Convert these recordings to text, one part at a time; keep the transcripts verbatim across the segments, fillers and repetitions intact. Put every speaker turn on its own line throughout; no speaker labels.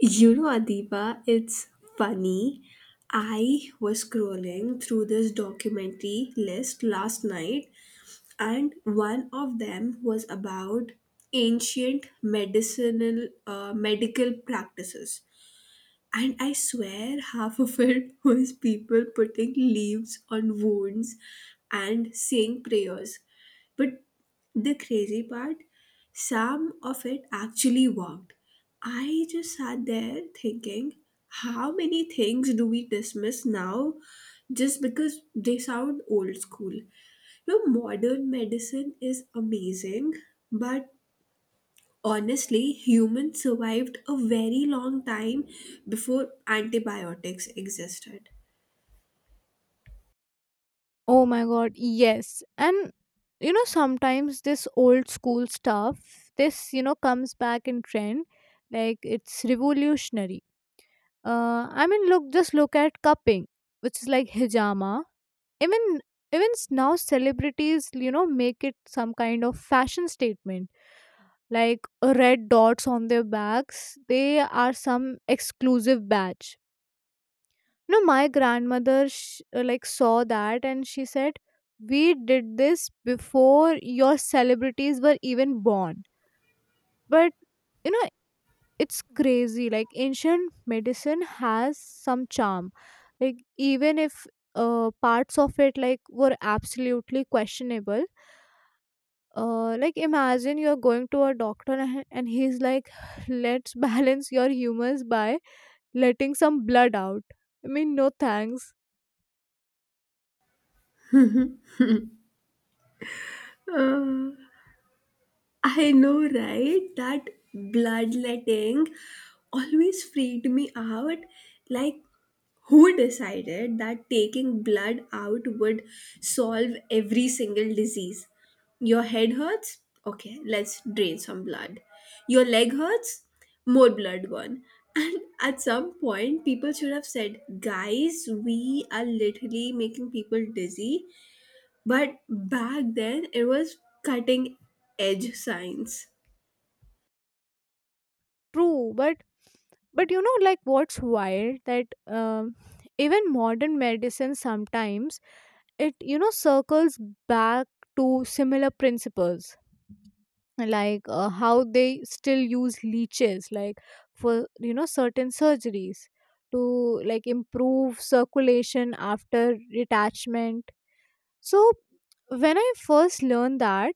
You know, Adiba, it's funny. I was scrolling through this documentary list last night, and one of them was about ancient medicinal uh, medical practices. And I swear half of it was people putting leaves on wounds and saying prayers. But the crazy part, some of it actually worked. I just sat there thinking, how many things do we dismiss now just because they sound old school? You know, modern medicine is amazing, but honestly, humans survived a very long time before antibiotics existed.
Oh my god, yes. And you know, sometimes this old school stuff, this, you know, comes back in trend. Like it's revolutionary. Uh I mean, look just look at cupping, which is like hijama. Even even s- now celebrities, you know, make it some kind of fashion statement. Like red dots on their bags, they are some exclusive badge. No, my grandmother sh- uh, like saw that and she said, "We did this before your celebrities were even born." But you know, it's crazy. Like ancient medicine has some charm. Like even if uh, parts of it like were absolutely questionable, uh, like imagine you're going to a doctor and and he's like, let's balance your humors by letting some blood out. I mean, no thanks.
Uh, I know, right? That bloodletting always freaked me out. Like, who decided that taking blood out would solve every single disease? Your head hurts? Okay, let's drain some blood. Your leg hurts? More blood gone. And at some point, people should have said, guys, we are literally making people dizzy, but back then, it was cutting edge science.
True, but but you know like what's wild that um, even modern medicine sometimes, it you know circles back to similar principles. Like, uh, how they still use leeches, like for you know certain surgeries, to like improve circulation after detachment. So when I first learned that,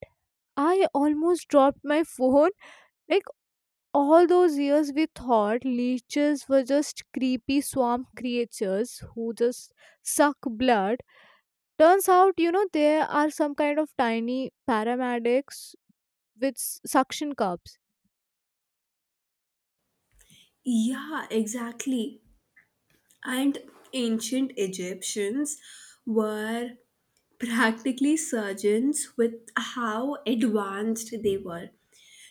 I almost dropped my phone. Like, all those years we thought leeches were just creepy swamp creatures who just suck blood. Turns out, you know they are some kind of tiny paramedics with s- suction cups.
Yeah, exactly. And ancient Egyptians were practically surgeons with how advanced they were.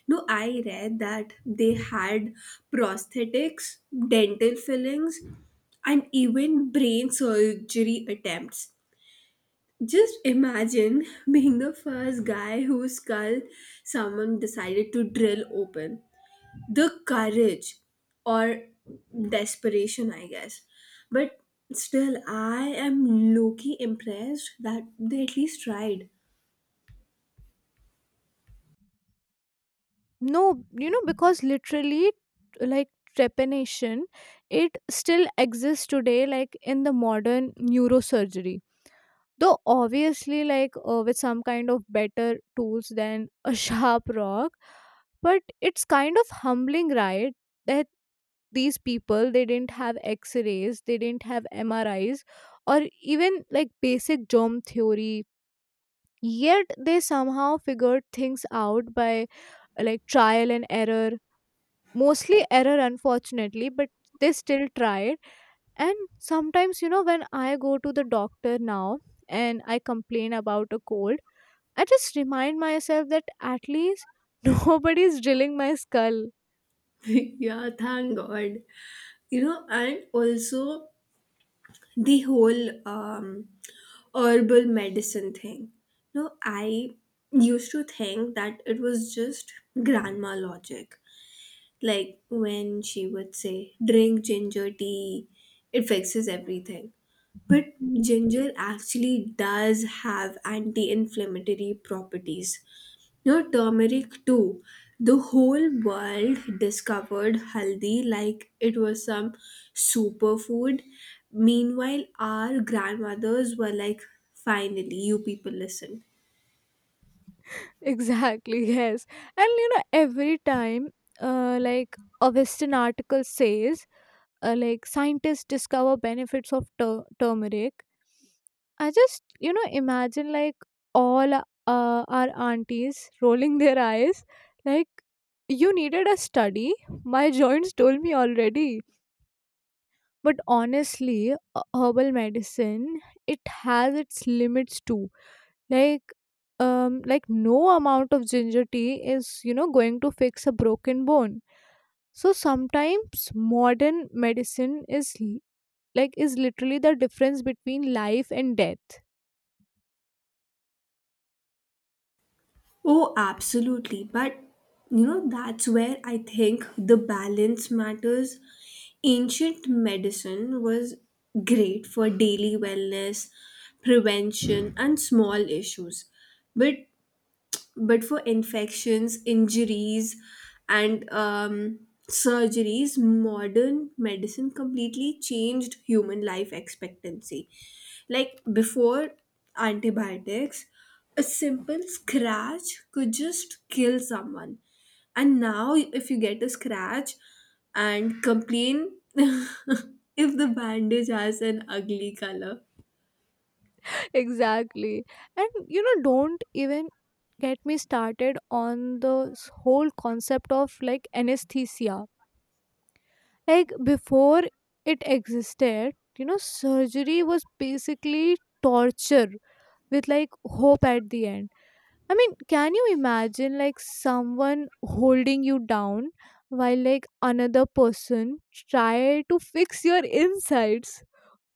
No, I read that they had prosthetics, dental fillings, and even brain surgery attempts. Just imagine being the first guy whose skull someone decided to drill open. The courage or desperation, I guess. But still, I am low key impressed that they at least tried.
No, you know because literally, like, trepanation, it still exists today, like in the modern neurosurgery, though obviously, like, uh, with some kind of better tools than a sharp rock. But it's kind of humbling, right? That these people, they didn't have x-rays, they didn't have mris, or even like basic germ theory, yet they somehow figured things out by, uh, like, trial and error. Mostly error, unfortunately, but they still tried. And sometimes, you know when I go to the doctor now and I complain about a cold, I just remind myself that at least nobody's drilling my skull.
Yeah, thank God. You know, and also the whole um, herbal medicine thing. No, I used to think that it was just grandma logic. Like when she would say, drink ginger tea, it fixes everything. But ginger actually does have anti inflammatory properties. You know, turmeric too. The whole world discovered haldi like it was some superfood. Meanwhile, our grandmothers were like, finally, you people listen.
Exactly, yes. And you know, every time, uh, like a Western article says, uh, like, scientists discover benefits of tur- turmeric, I just, you know, imagine like all, uh, our aunties rolling their eyes, like, you needed a study? My joints told me already. But honestly, uh, herbal medicine, it has its limits too. Like, um like no amount of ginger tea is, you know going to fix a broken bone. So sometimes modern medicine is l- like is literally the difference between life and death.
Oh, absolutely. But you know, that's where I think the balance matters. Ancient medicine was great for daily wellness, prevention, and small issues. But but for infections, injuries, and um, surgeries, modern medicine completely changed human life expectancy. Like before antibiotics, a simple scratch could just kill someone. And now, if you get a scratch and complain if the bandage has an ugly color.
exactly. And you know don't even get me started on the s- whole concept of like anesthesia. Like, before it existed, you know surgery was basically torture with like hope at the end. I mean, can you imagine, like someone holding you down while, like, another person try to fix your insides?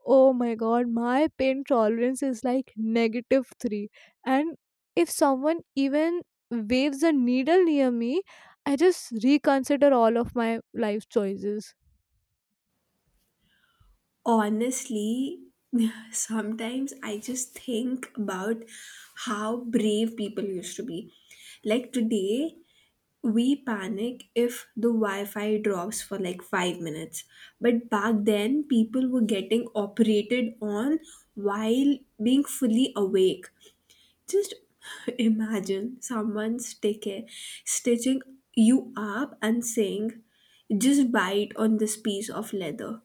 Oh my god, my pain tolerance is like negative three. And if someone even waves a needle near me, I just reconsider all of my life choices.
Honestly, sometimes I just think about how brave people used to be. Like today, we panic if the Wi Fi drops for like five minutes. But back then, people were getting operated on while being fully awake. Just imagine someone sticking, stitching you up and saying, just bite on this piece of leather,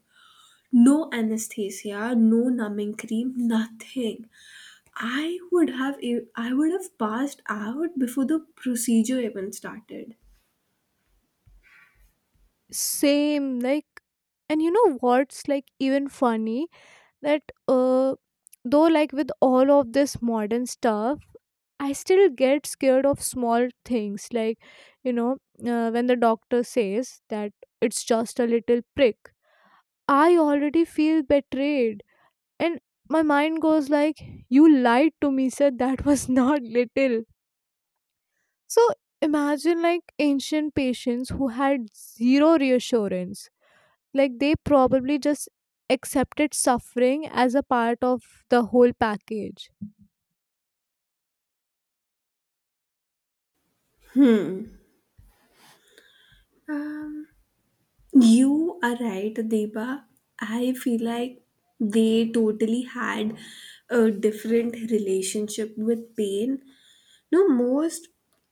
no anesthesia, no numbing cream, nothing. I would have e, I would have passed out before the procedure even started.
Same, like, and you know what's like even funny, that uh, though, like, with all of this modern stuff, I still get scared of small things, like, you know uh, when the doctor says that it's just a little prick. I already feel betrayed, and my mind goes like, "You lied to me, sir. That was not little." So imagine like ancient patients who had zero reassurance, like they probably just accepted suffering as a part of the whole package.
Hmm. Um, you are right, Deba. I feel like they totally had a different relationship with pain. No, most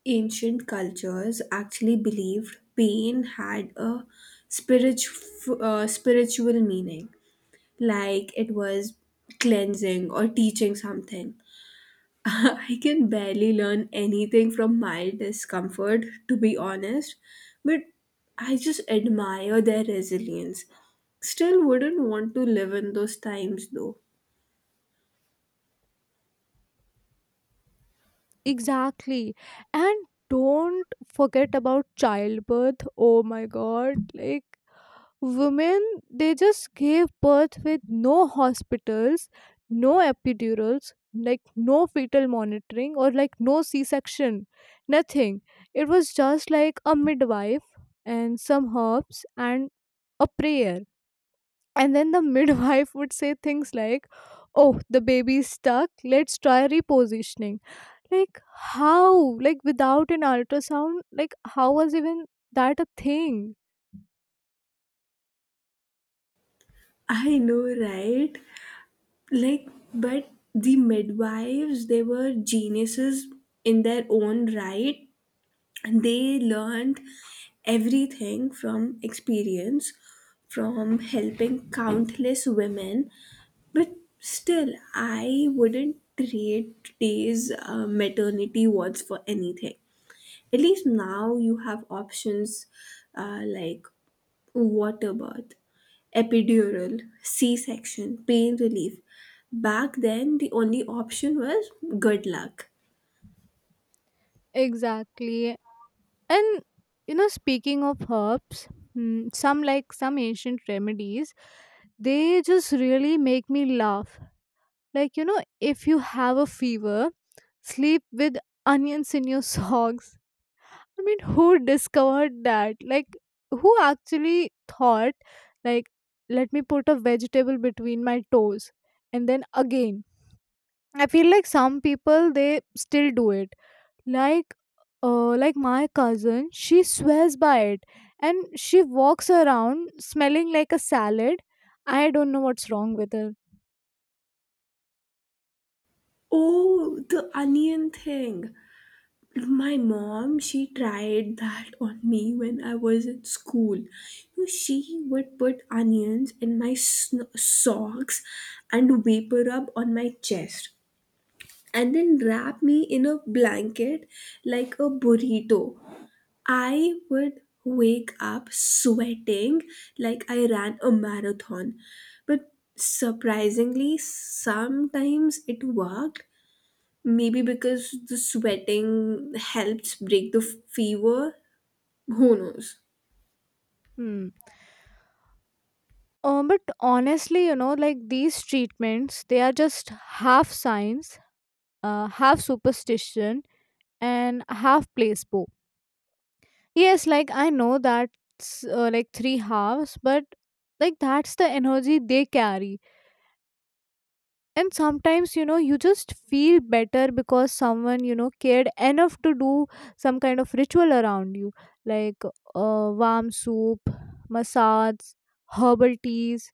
ancient cultures actually believed pain had a spiritual uh, spiritual meaning, like it was cleansing or teaching something. I can barely learn anything from my discomfort, to be honest, but I just admire their resilience. Still wouldn't want to live in those times though.
Exactly, and don't forget about childbirth. Oh my god, like women, they just gave birth with no hospitals, no epidurals, like no fetal monitoring, or like no c-section, nothing. It was just like a midwife and some herbs and a prayer. And then the midwife would say things like, "Oh, the baby's stuck. Let's try repositioning." Like, how? Like, without an ultrasound, like, how was even that a thing?
I know, right? Like, but the midwives, they were geniuses in their own right. They learned everything from experience, from helping countless women. But still, I wouldn't trade today's uh, maternity wards for anything. At least now you have options, uh, like water birth, epidural, c-section pain relief. Back then the only option was good luck.
Exactly. And, you know, speaking of herbs, mm, some like some ancient remedies, they just really make me laugh. Like, you know, if you have a fever, sleep with onions in your socks. I mean, who discovered that? Like, who actually thought, like, let me put a vegetable between my toes? And then again, I feel like some people, they still do it. Like, uh, like my cousin, she swears by it and she walks around smelling like a salad. I don't know what's wrong with her.
Oh, the onion thing. My mom, she tried that on me when I was in school. You know, she would put onions in my sn- socks and vapor up on my chest and then wrap me in a blanket like a burrito. I would wake up sweating like I ran a marathon. But surprisingly, sometimes it worked. Maybe because the sweating helps break the fever? Who knows?
Hmm. Um, but honestly, you know, like these treatments, they are just half science, uh, half superstition, and half place bow. Yes, like I know that's, uh, like three halves, but like that's the energy they carry. And sometimes, you know, you just feel better because someone, you know, cared enough to do some kind of ritual around you, like, uh, warm soup, massage, herbal teas.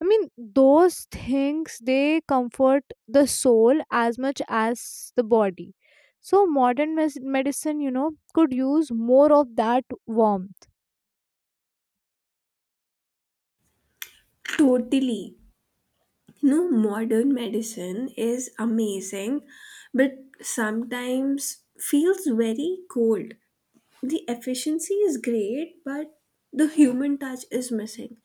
I mean, those things, they comfort the soul as much as the body. So modern mes- medicine, you know, could use more of that warmth.
Totally. You know, modern medicine is amazing, but sometimes feels very cold. The efficiency is great, but the human touch is missing.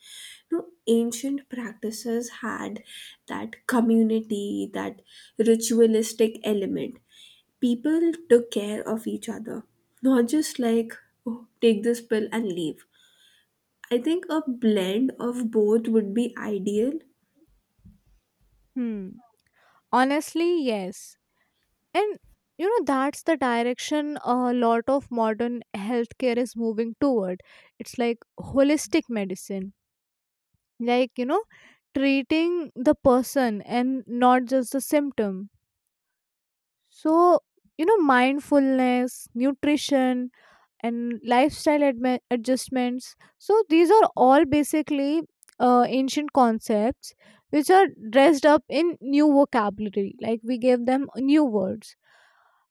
You know, ancient practices had that community, that ritualistic element. People took care of each other, not just like, oh, take this pill and leave. I think a blend of both would be ideal.
Hmm. Honestly, yes. And you know that's the direction a lot of modern healthcare is moving toward. It's like holistic medicine. Like, you know, treating the person and not just the symptom. So, you know, mindfulness, nutrition, and lifestyle adme- adjustments. So these are all basically, uh, ancient concepts which are dressed up in new vocabulary. Like we gave them new words.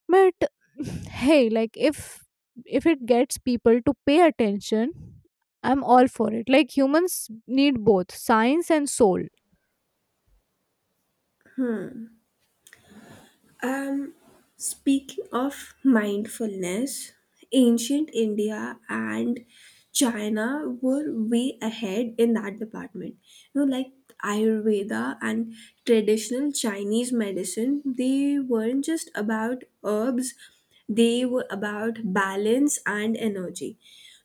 But hey, like, if if it gets people to pay attention, I'm all for it. Like humans need both science and soul.
Um, speaking of mindfulness, ancient India and China were way ahead in that department. You know, like Ayurveda and traditional Chinese medicine, they weren't just about herbs, they were about balance and energy.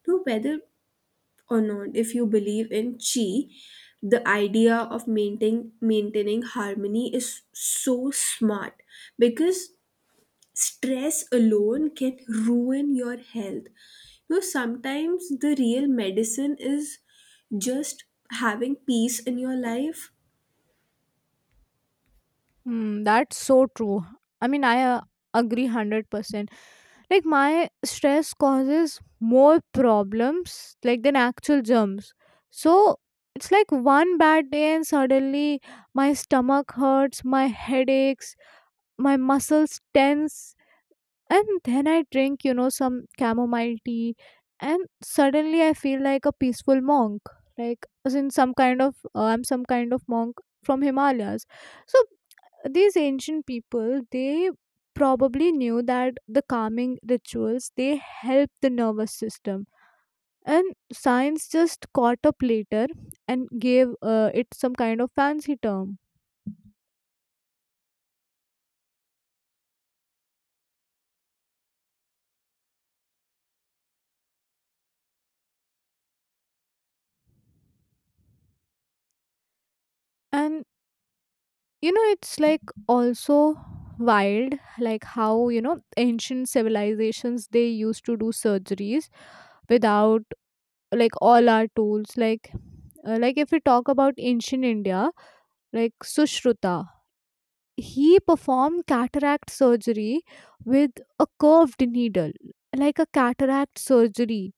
So, whether or not if you believe in chi, the idea of maintaining maintaining harmony is so smart because stress alone can ruin your health. You know, sometimes the real medicine is just having peace in your life.
Hmm, that's so true. I mean, I, uh, agree one hundred percent. Like my stress causes more problems like than actual germs. So it's like one bad day and suddenly my stomach hurts, my headaches, my muscles tense. And then I drink, you know some chamomile tea and suddenly I feel like a peaceful monk, like as in some kind of, uh, I'm some kind of monk from Himalayas. So these ancient people, they probably knew that the calming rituals, they help the nervous system, and science just caught up later and gave, uh, it some kind of fancy term. And you know it's like also wild, like how, you know ancient civilizations, they used to do surgeries without, like, all our tools, like, uh, like if we talk about ancient India, like Sushruta. He performed cataract surgery with a curved needle, like a cataract surgery,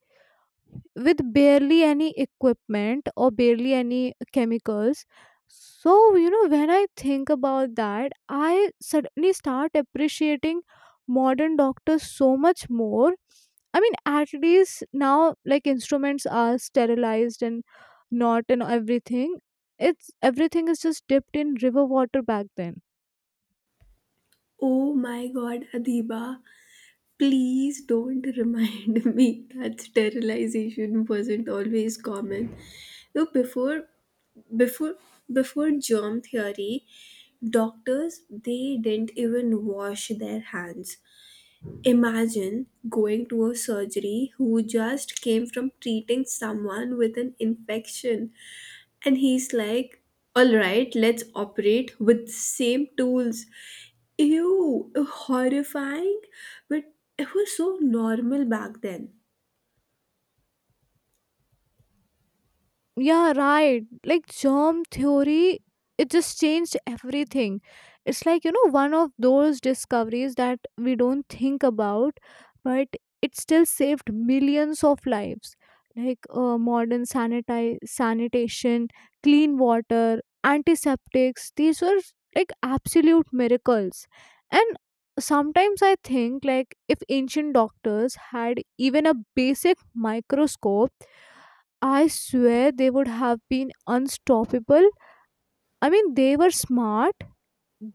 with barely any equipment or barely any chemicals. So, you know, when I think about that, I suddenly start appreciating modern doctors so much more. I mean, at least now, like instruments are sterilized and not and everything. It's everything is just dipped in river water back then.
Oh my god, Adiba, please don't remind me that sterilization wasn't always common. You know, before before before germ theory, doctors they didn't even wash their hands. Imagine going to a surgery who just came from treating someone with an infection and he's like, all right, let's operate with same tools. Ew, horrifying, but it was so normal back then.
Yeah, right. Like germ theory, it just changed everything. It's like, you know, one of those discoveries that we don't think about, but it still saved millions of lives. Like, uh, modern sanitize, sanitation, clean water, antiseptics, these were like absolute miracles. And sometimes I think, like, if ancient doctors had even a basic microscope, I swear they would have been unstoppable. I mean, they were smart,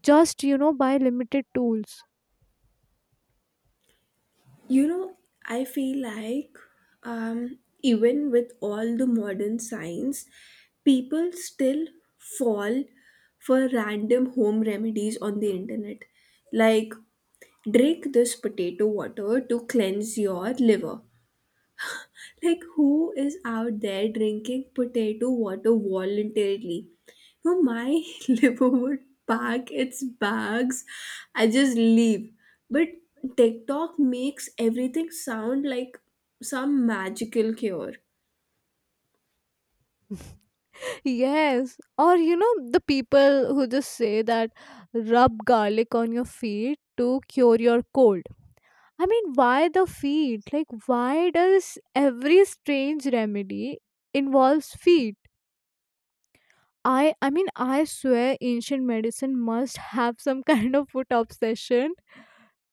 just, you know, by limited tools.
You know, I feel like um, even with all the modern science, people still fall for random home remedies on the internet. Like, drink this potato water to cleanse your liver. Like, who is out there drinking potato water voluntarily? No, my liver would pack its bags. I just leave. But TikTok makes everything sound like some magical cure.
Yes. Or, you know, the people who just say that, rub garlic on your feet to cure your cold. I mean, why the feet? Like, why does every strange remedy involves feet? I, I mean, I swear ancient medicine must have some kind of foot obsession,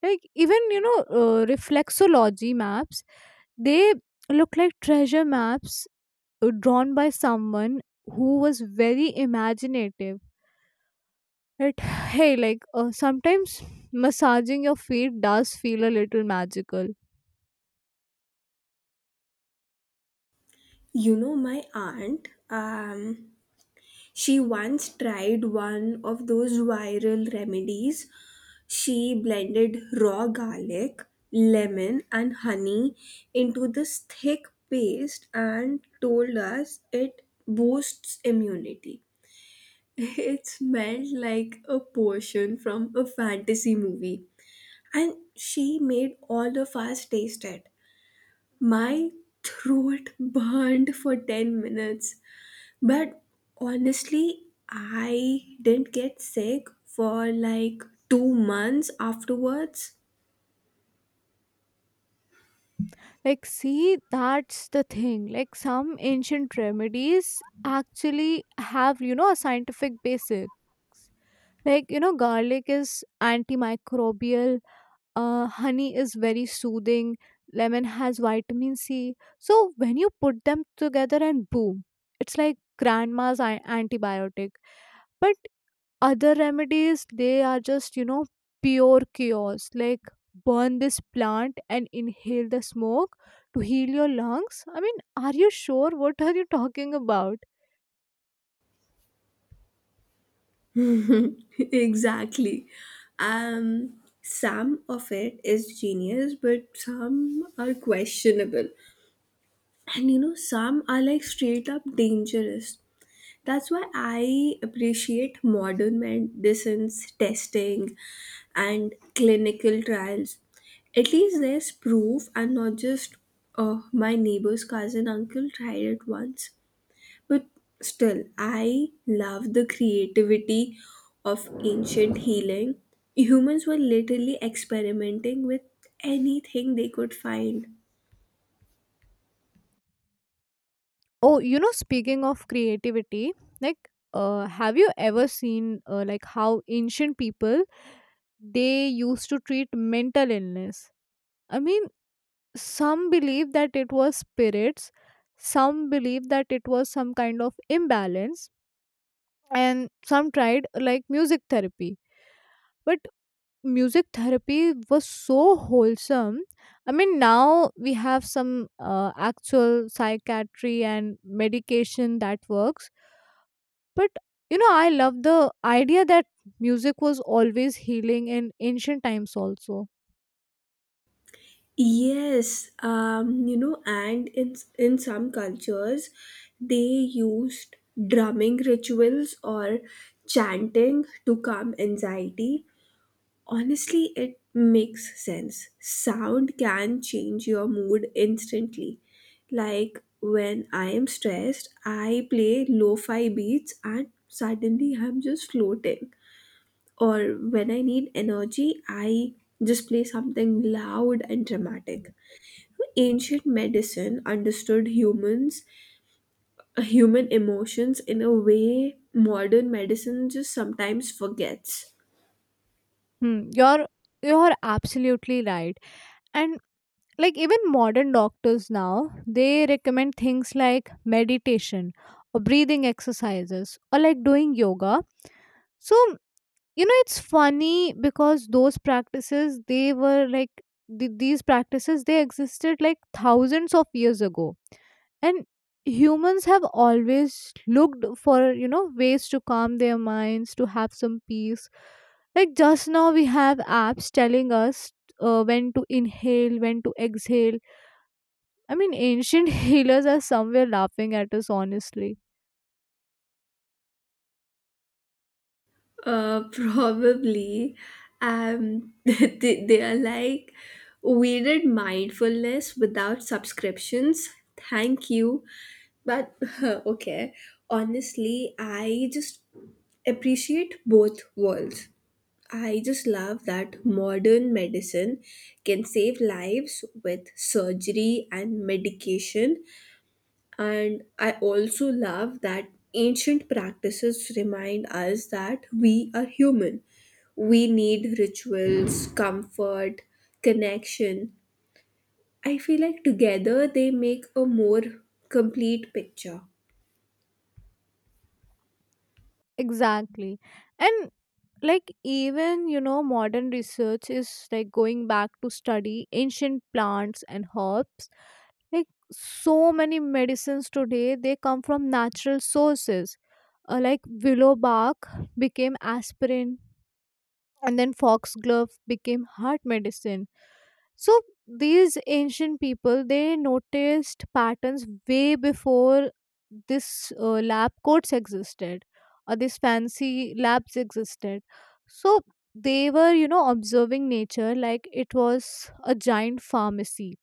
like even, you know uh, reflexology maps, they look like treasure maps, uh, drawn by someone who was very imaginative, right? hey, like, uh, sometimes massaging your feet does feel a little magical.
You know, my aunt, um, she once tried one of those viral remedies. She blended raw garlic, lemon, and honey into this thick paste and told us it boosts immunity. It smelled like a portion from a fantasy movie, and she made all of us taste it. My throat burned for ten minutes, but honestly, I didn't get sick for like two months afterwards.
Like, see, that's the thing. Like some ancient remedies actually have, you know a scientific basis. Like, you know garlic is antimicrobial, uh, honey is very soothing, lemon has vitamin C. So when you put them together, and boom, it's like grandma's an- antibiotic. But other remedies, they are just, you know, pure cures. Like, burn this plant and inhale the smoke to heal your lungs. I mean, are you sure? What are you talking about?
Exactly. Um, some of it is genius, but some are questionable. And you know, some are like straight up dangerous. That's why I appreciate modern medicine's testing and clinical trials. At least there's proof and not just, oh, my neighbor's cousin uncle tried it once. But still, I love the creativity of ancient healing. Humans were literally experimenting with anything they could find.
Oh, you know, speaking of creativity, like, uh, have you ever seen, uh, like, how ancient people, they used to treat mental illness. I mean, some believe that it was spirits, some believe that it was some kind of imbalance, and some tried like music therapy. But music therapy was so wholesome. I mean, now we have some, uh, actual psychiatry and medication that works. But you know, I love the idea that music was always healing in ancient times also.
Yes, um, you know, and in in some cultures, they used drumming rituals or chanting to calm anxiety. Honestly, it makes sense. Sound can change your mood instantly. Like when I am stressed, I play lo-fi beats and suddenly I'm just floating. Or when I need energy, I just play something loud and dramatic. Ancient medicine understood humans, uh, human emotions in a way modern medicine just sometimes forgets.
Hmm. You're you're absolutely right. And like even modern doctors now, they recommend things like meditation or breathing exercises or like doing yoga. So you know it's funny because those practices, they were like th- these practices, they existed like thousands of years ago. And humans have always looked for, you know ways to calm their minds, to have some peace. Like, just now we have apps telling us, uh, when to inhale, when to exhale. I mean, ancient healers are somewhere laughing at us, honestly.
Uh, probably. Um, they, they are like, we did mindfulness without subscriptions. Thank you. But okay, honestly, I just appreciate both worlds. I just love that modern medicine can save lives with surgery and medication, and I also love that ancient practices remind us that we are human. We need rituals, comfort, connection. I feel like together they make a more complete picture.
Exactly, and like even, you know modern research is like going back to study ancient plants and herbs. Like, so many medicines today, they come from natural sources, uh, like willow bark became aspirin, and then foxglove became heart medicine. So these ancient people, they noticed patterns way before this, uh, lab coats existed, or these fancy labs existed. So they were, you know observing nature like it was a giant pharmacy.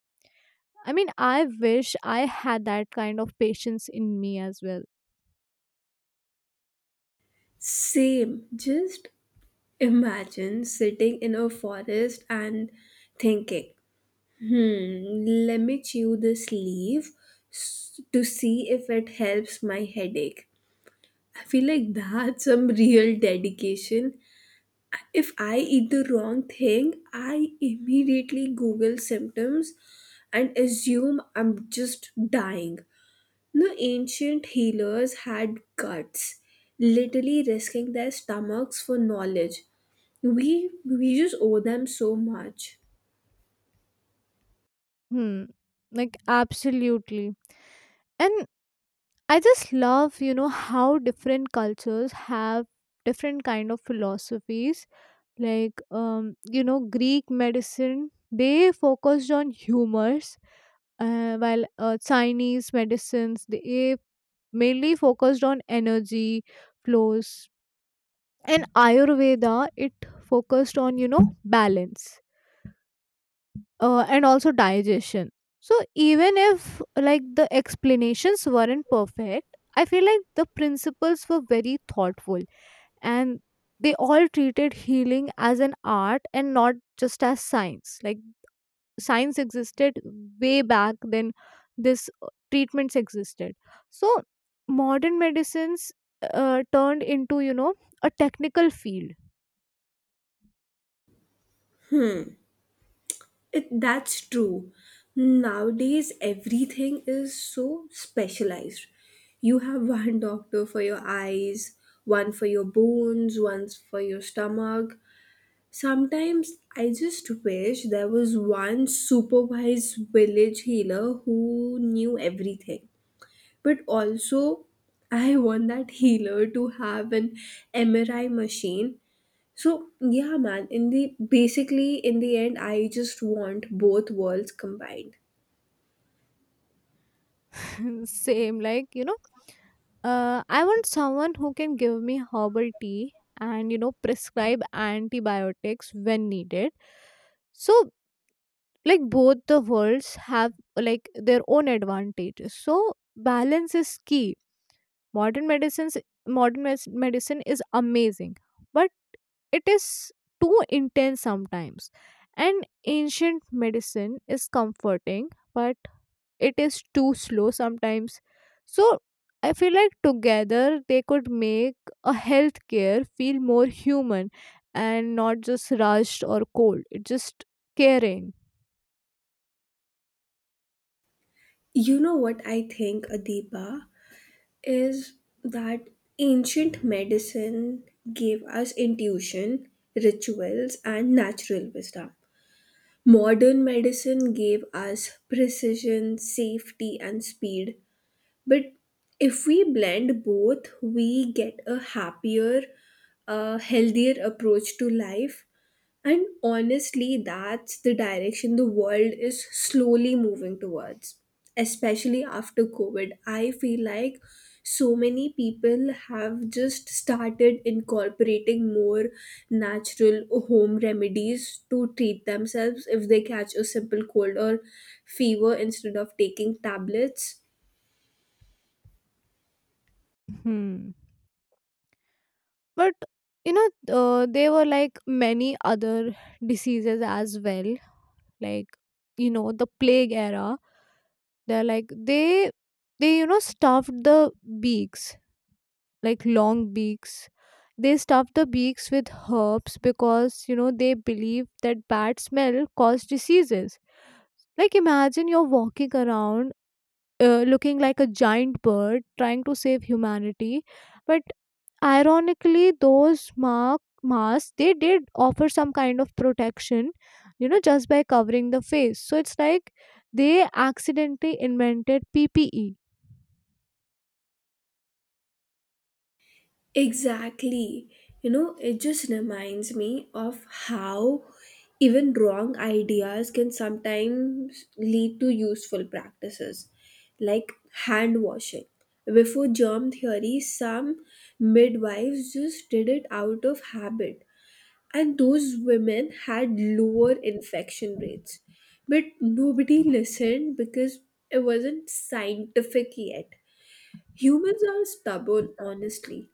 I mean, I wish I had that kind of patience in me as well.
Same, just imagine sitting in a forest and thinking, hmm, let me chew this leaf s- to see if it helps my headache. I feel like that's some real dedication. If I eat the wrong thing, I immediately Google symptoms and assume I'm just dying. The ancient healers had guts, literally risking their stomachs for knowledge. We we just owe them so much.
Hmm. Like, absolutely. And I just love, you know, how different cultures have different kind of philosophies, like, um you know Greek medicine, they focused on humors, uh, while, uh, Chinese medicines, they mainly focused on energy flows. And Ayurveda, it focused on, you know balance, uh, and also digestion. So even if, like, the explanations weren't perfect, I feel like the principles were very thoughtful, and they all treated healing as an art and not just as science. Like, science existed way back then. This, uh, treatments existed. So modern medicines, uh, turned into, you know a technical field.
It, that's true. Nowadays, everything is so specialized. You have one doctor for your eyes, one for your bones, one for your stomach. Sometimes I just wish there was one supervised village healer who knew everything. But also, I want that healer to have an M R I machine. So yeah, man. In the basically in the end, I just want both worlds combined.
Same, like, you know, uh, I want someone who can give me herbal tea and, you know, prescribe antibiotics when needed. So, like, both the worlds have, like, their own advantages. So, balance is key. Modern medicines, modern mes- medicine is amazing, but it is too intense sometimes. And ancient medicine is comforting, but it is too slow sometimes. So I feel like together they could make a healthcare feel more human, and not just rushed or cold. It's just caring.
You know what I think, Adipa, is that ancient medicine gave us intuition, rituals, and natural wisdom. Modern medicine gave us precision, safety, and speed. But if we blend both, we get a happier, a healthier approach to life. And honestly, that's the direction the world is slowly moving towards. Especially after COVID, I feel like so many people have just started incorporating more natural home remedies to treat themselves if they catch a simple cold or fever instead of taking tablets.
Hmm. But you know uh, there were like many other diseases as well, like, you know the plague era. They're like they they you know stuffed the beaks, like long beaks. They stuff the beaks with herbs because, you know, they believe that bad smell cause diseases. Like, imagine you're walking around, uh, looking like a giant bird trying to save humanity, but ironically those mark masks, they did offer some kind of protection, you know just by covering the face. So it's like they accidentally invented P P E.
Exactly. You know, it just reminds me of how even wrong ideas can sometimes lead to useful practices, like hand washing. Before germ theory, some midwives just did it out of habit, and those women had lower infection rates. But nobody listened because it wasn't scientific yet. Humans are stubborn, honestly.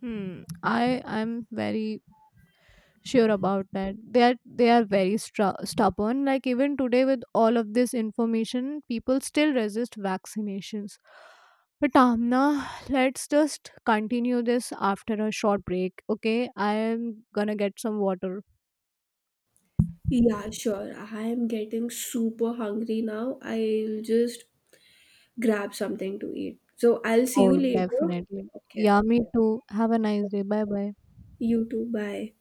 Hmm. I i'm very sure about that. They are they are very stra- stubborn, like even today, with all of this information, people still resist vaccinations. But Amna, let's just continue this after a short break, okay? I am gonna get some water.
Yeah, sure. I am getting super hungry now. I'll just grab something to eat. So I'll see
Oh,
you later.
definitely.
Okay.
Yeah, me too. Have a nice day. Bye, bye.
You too. Bye.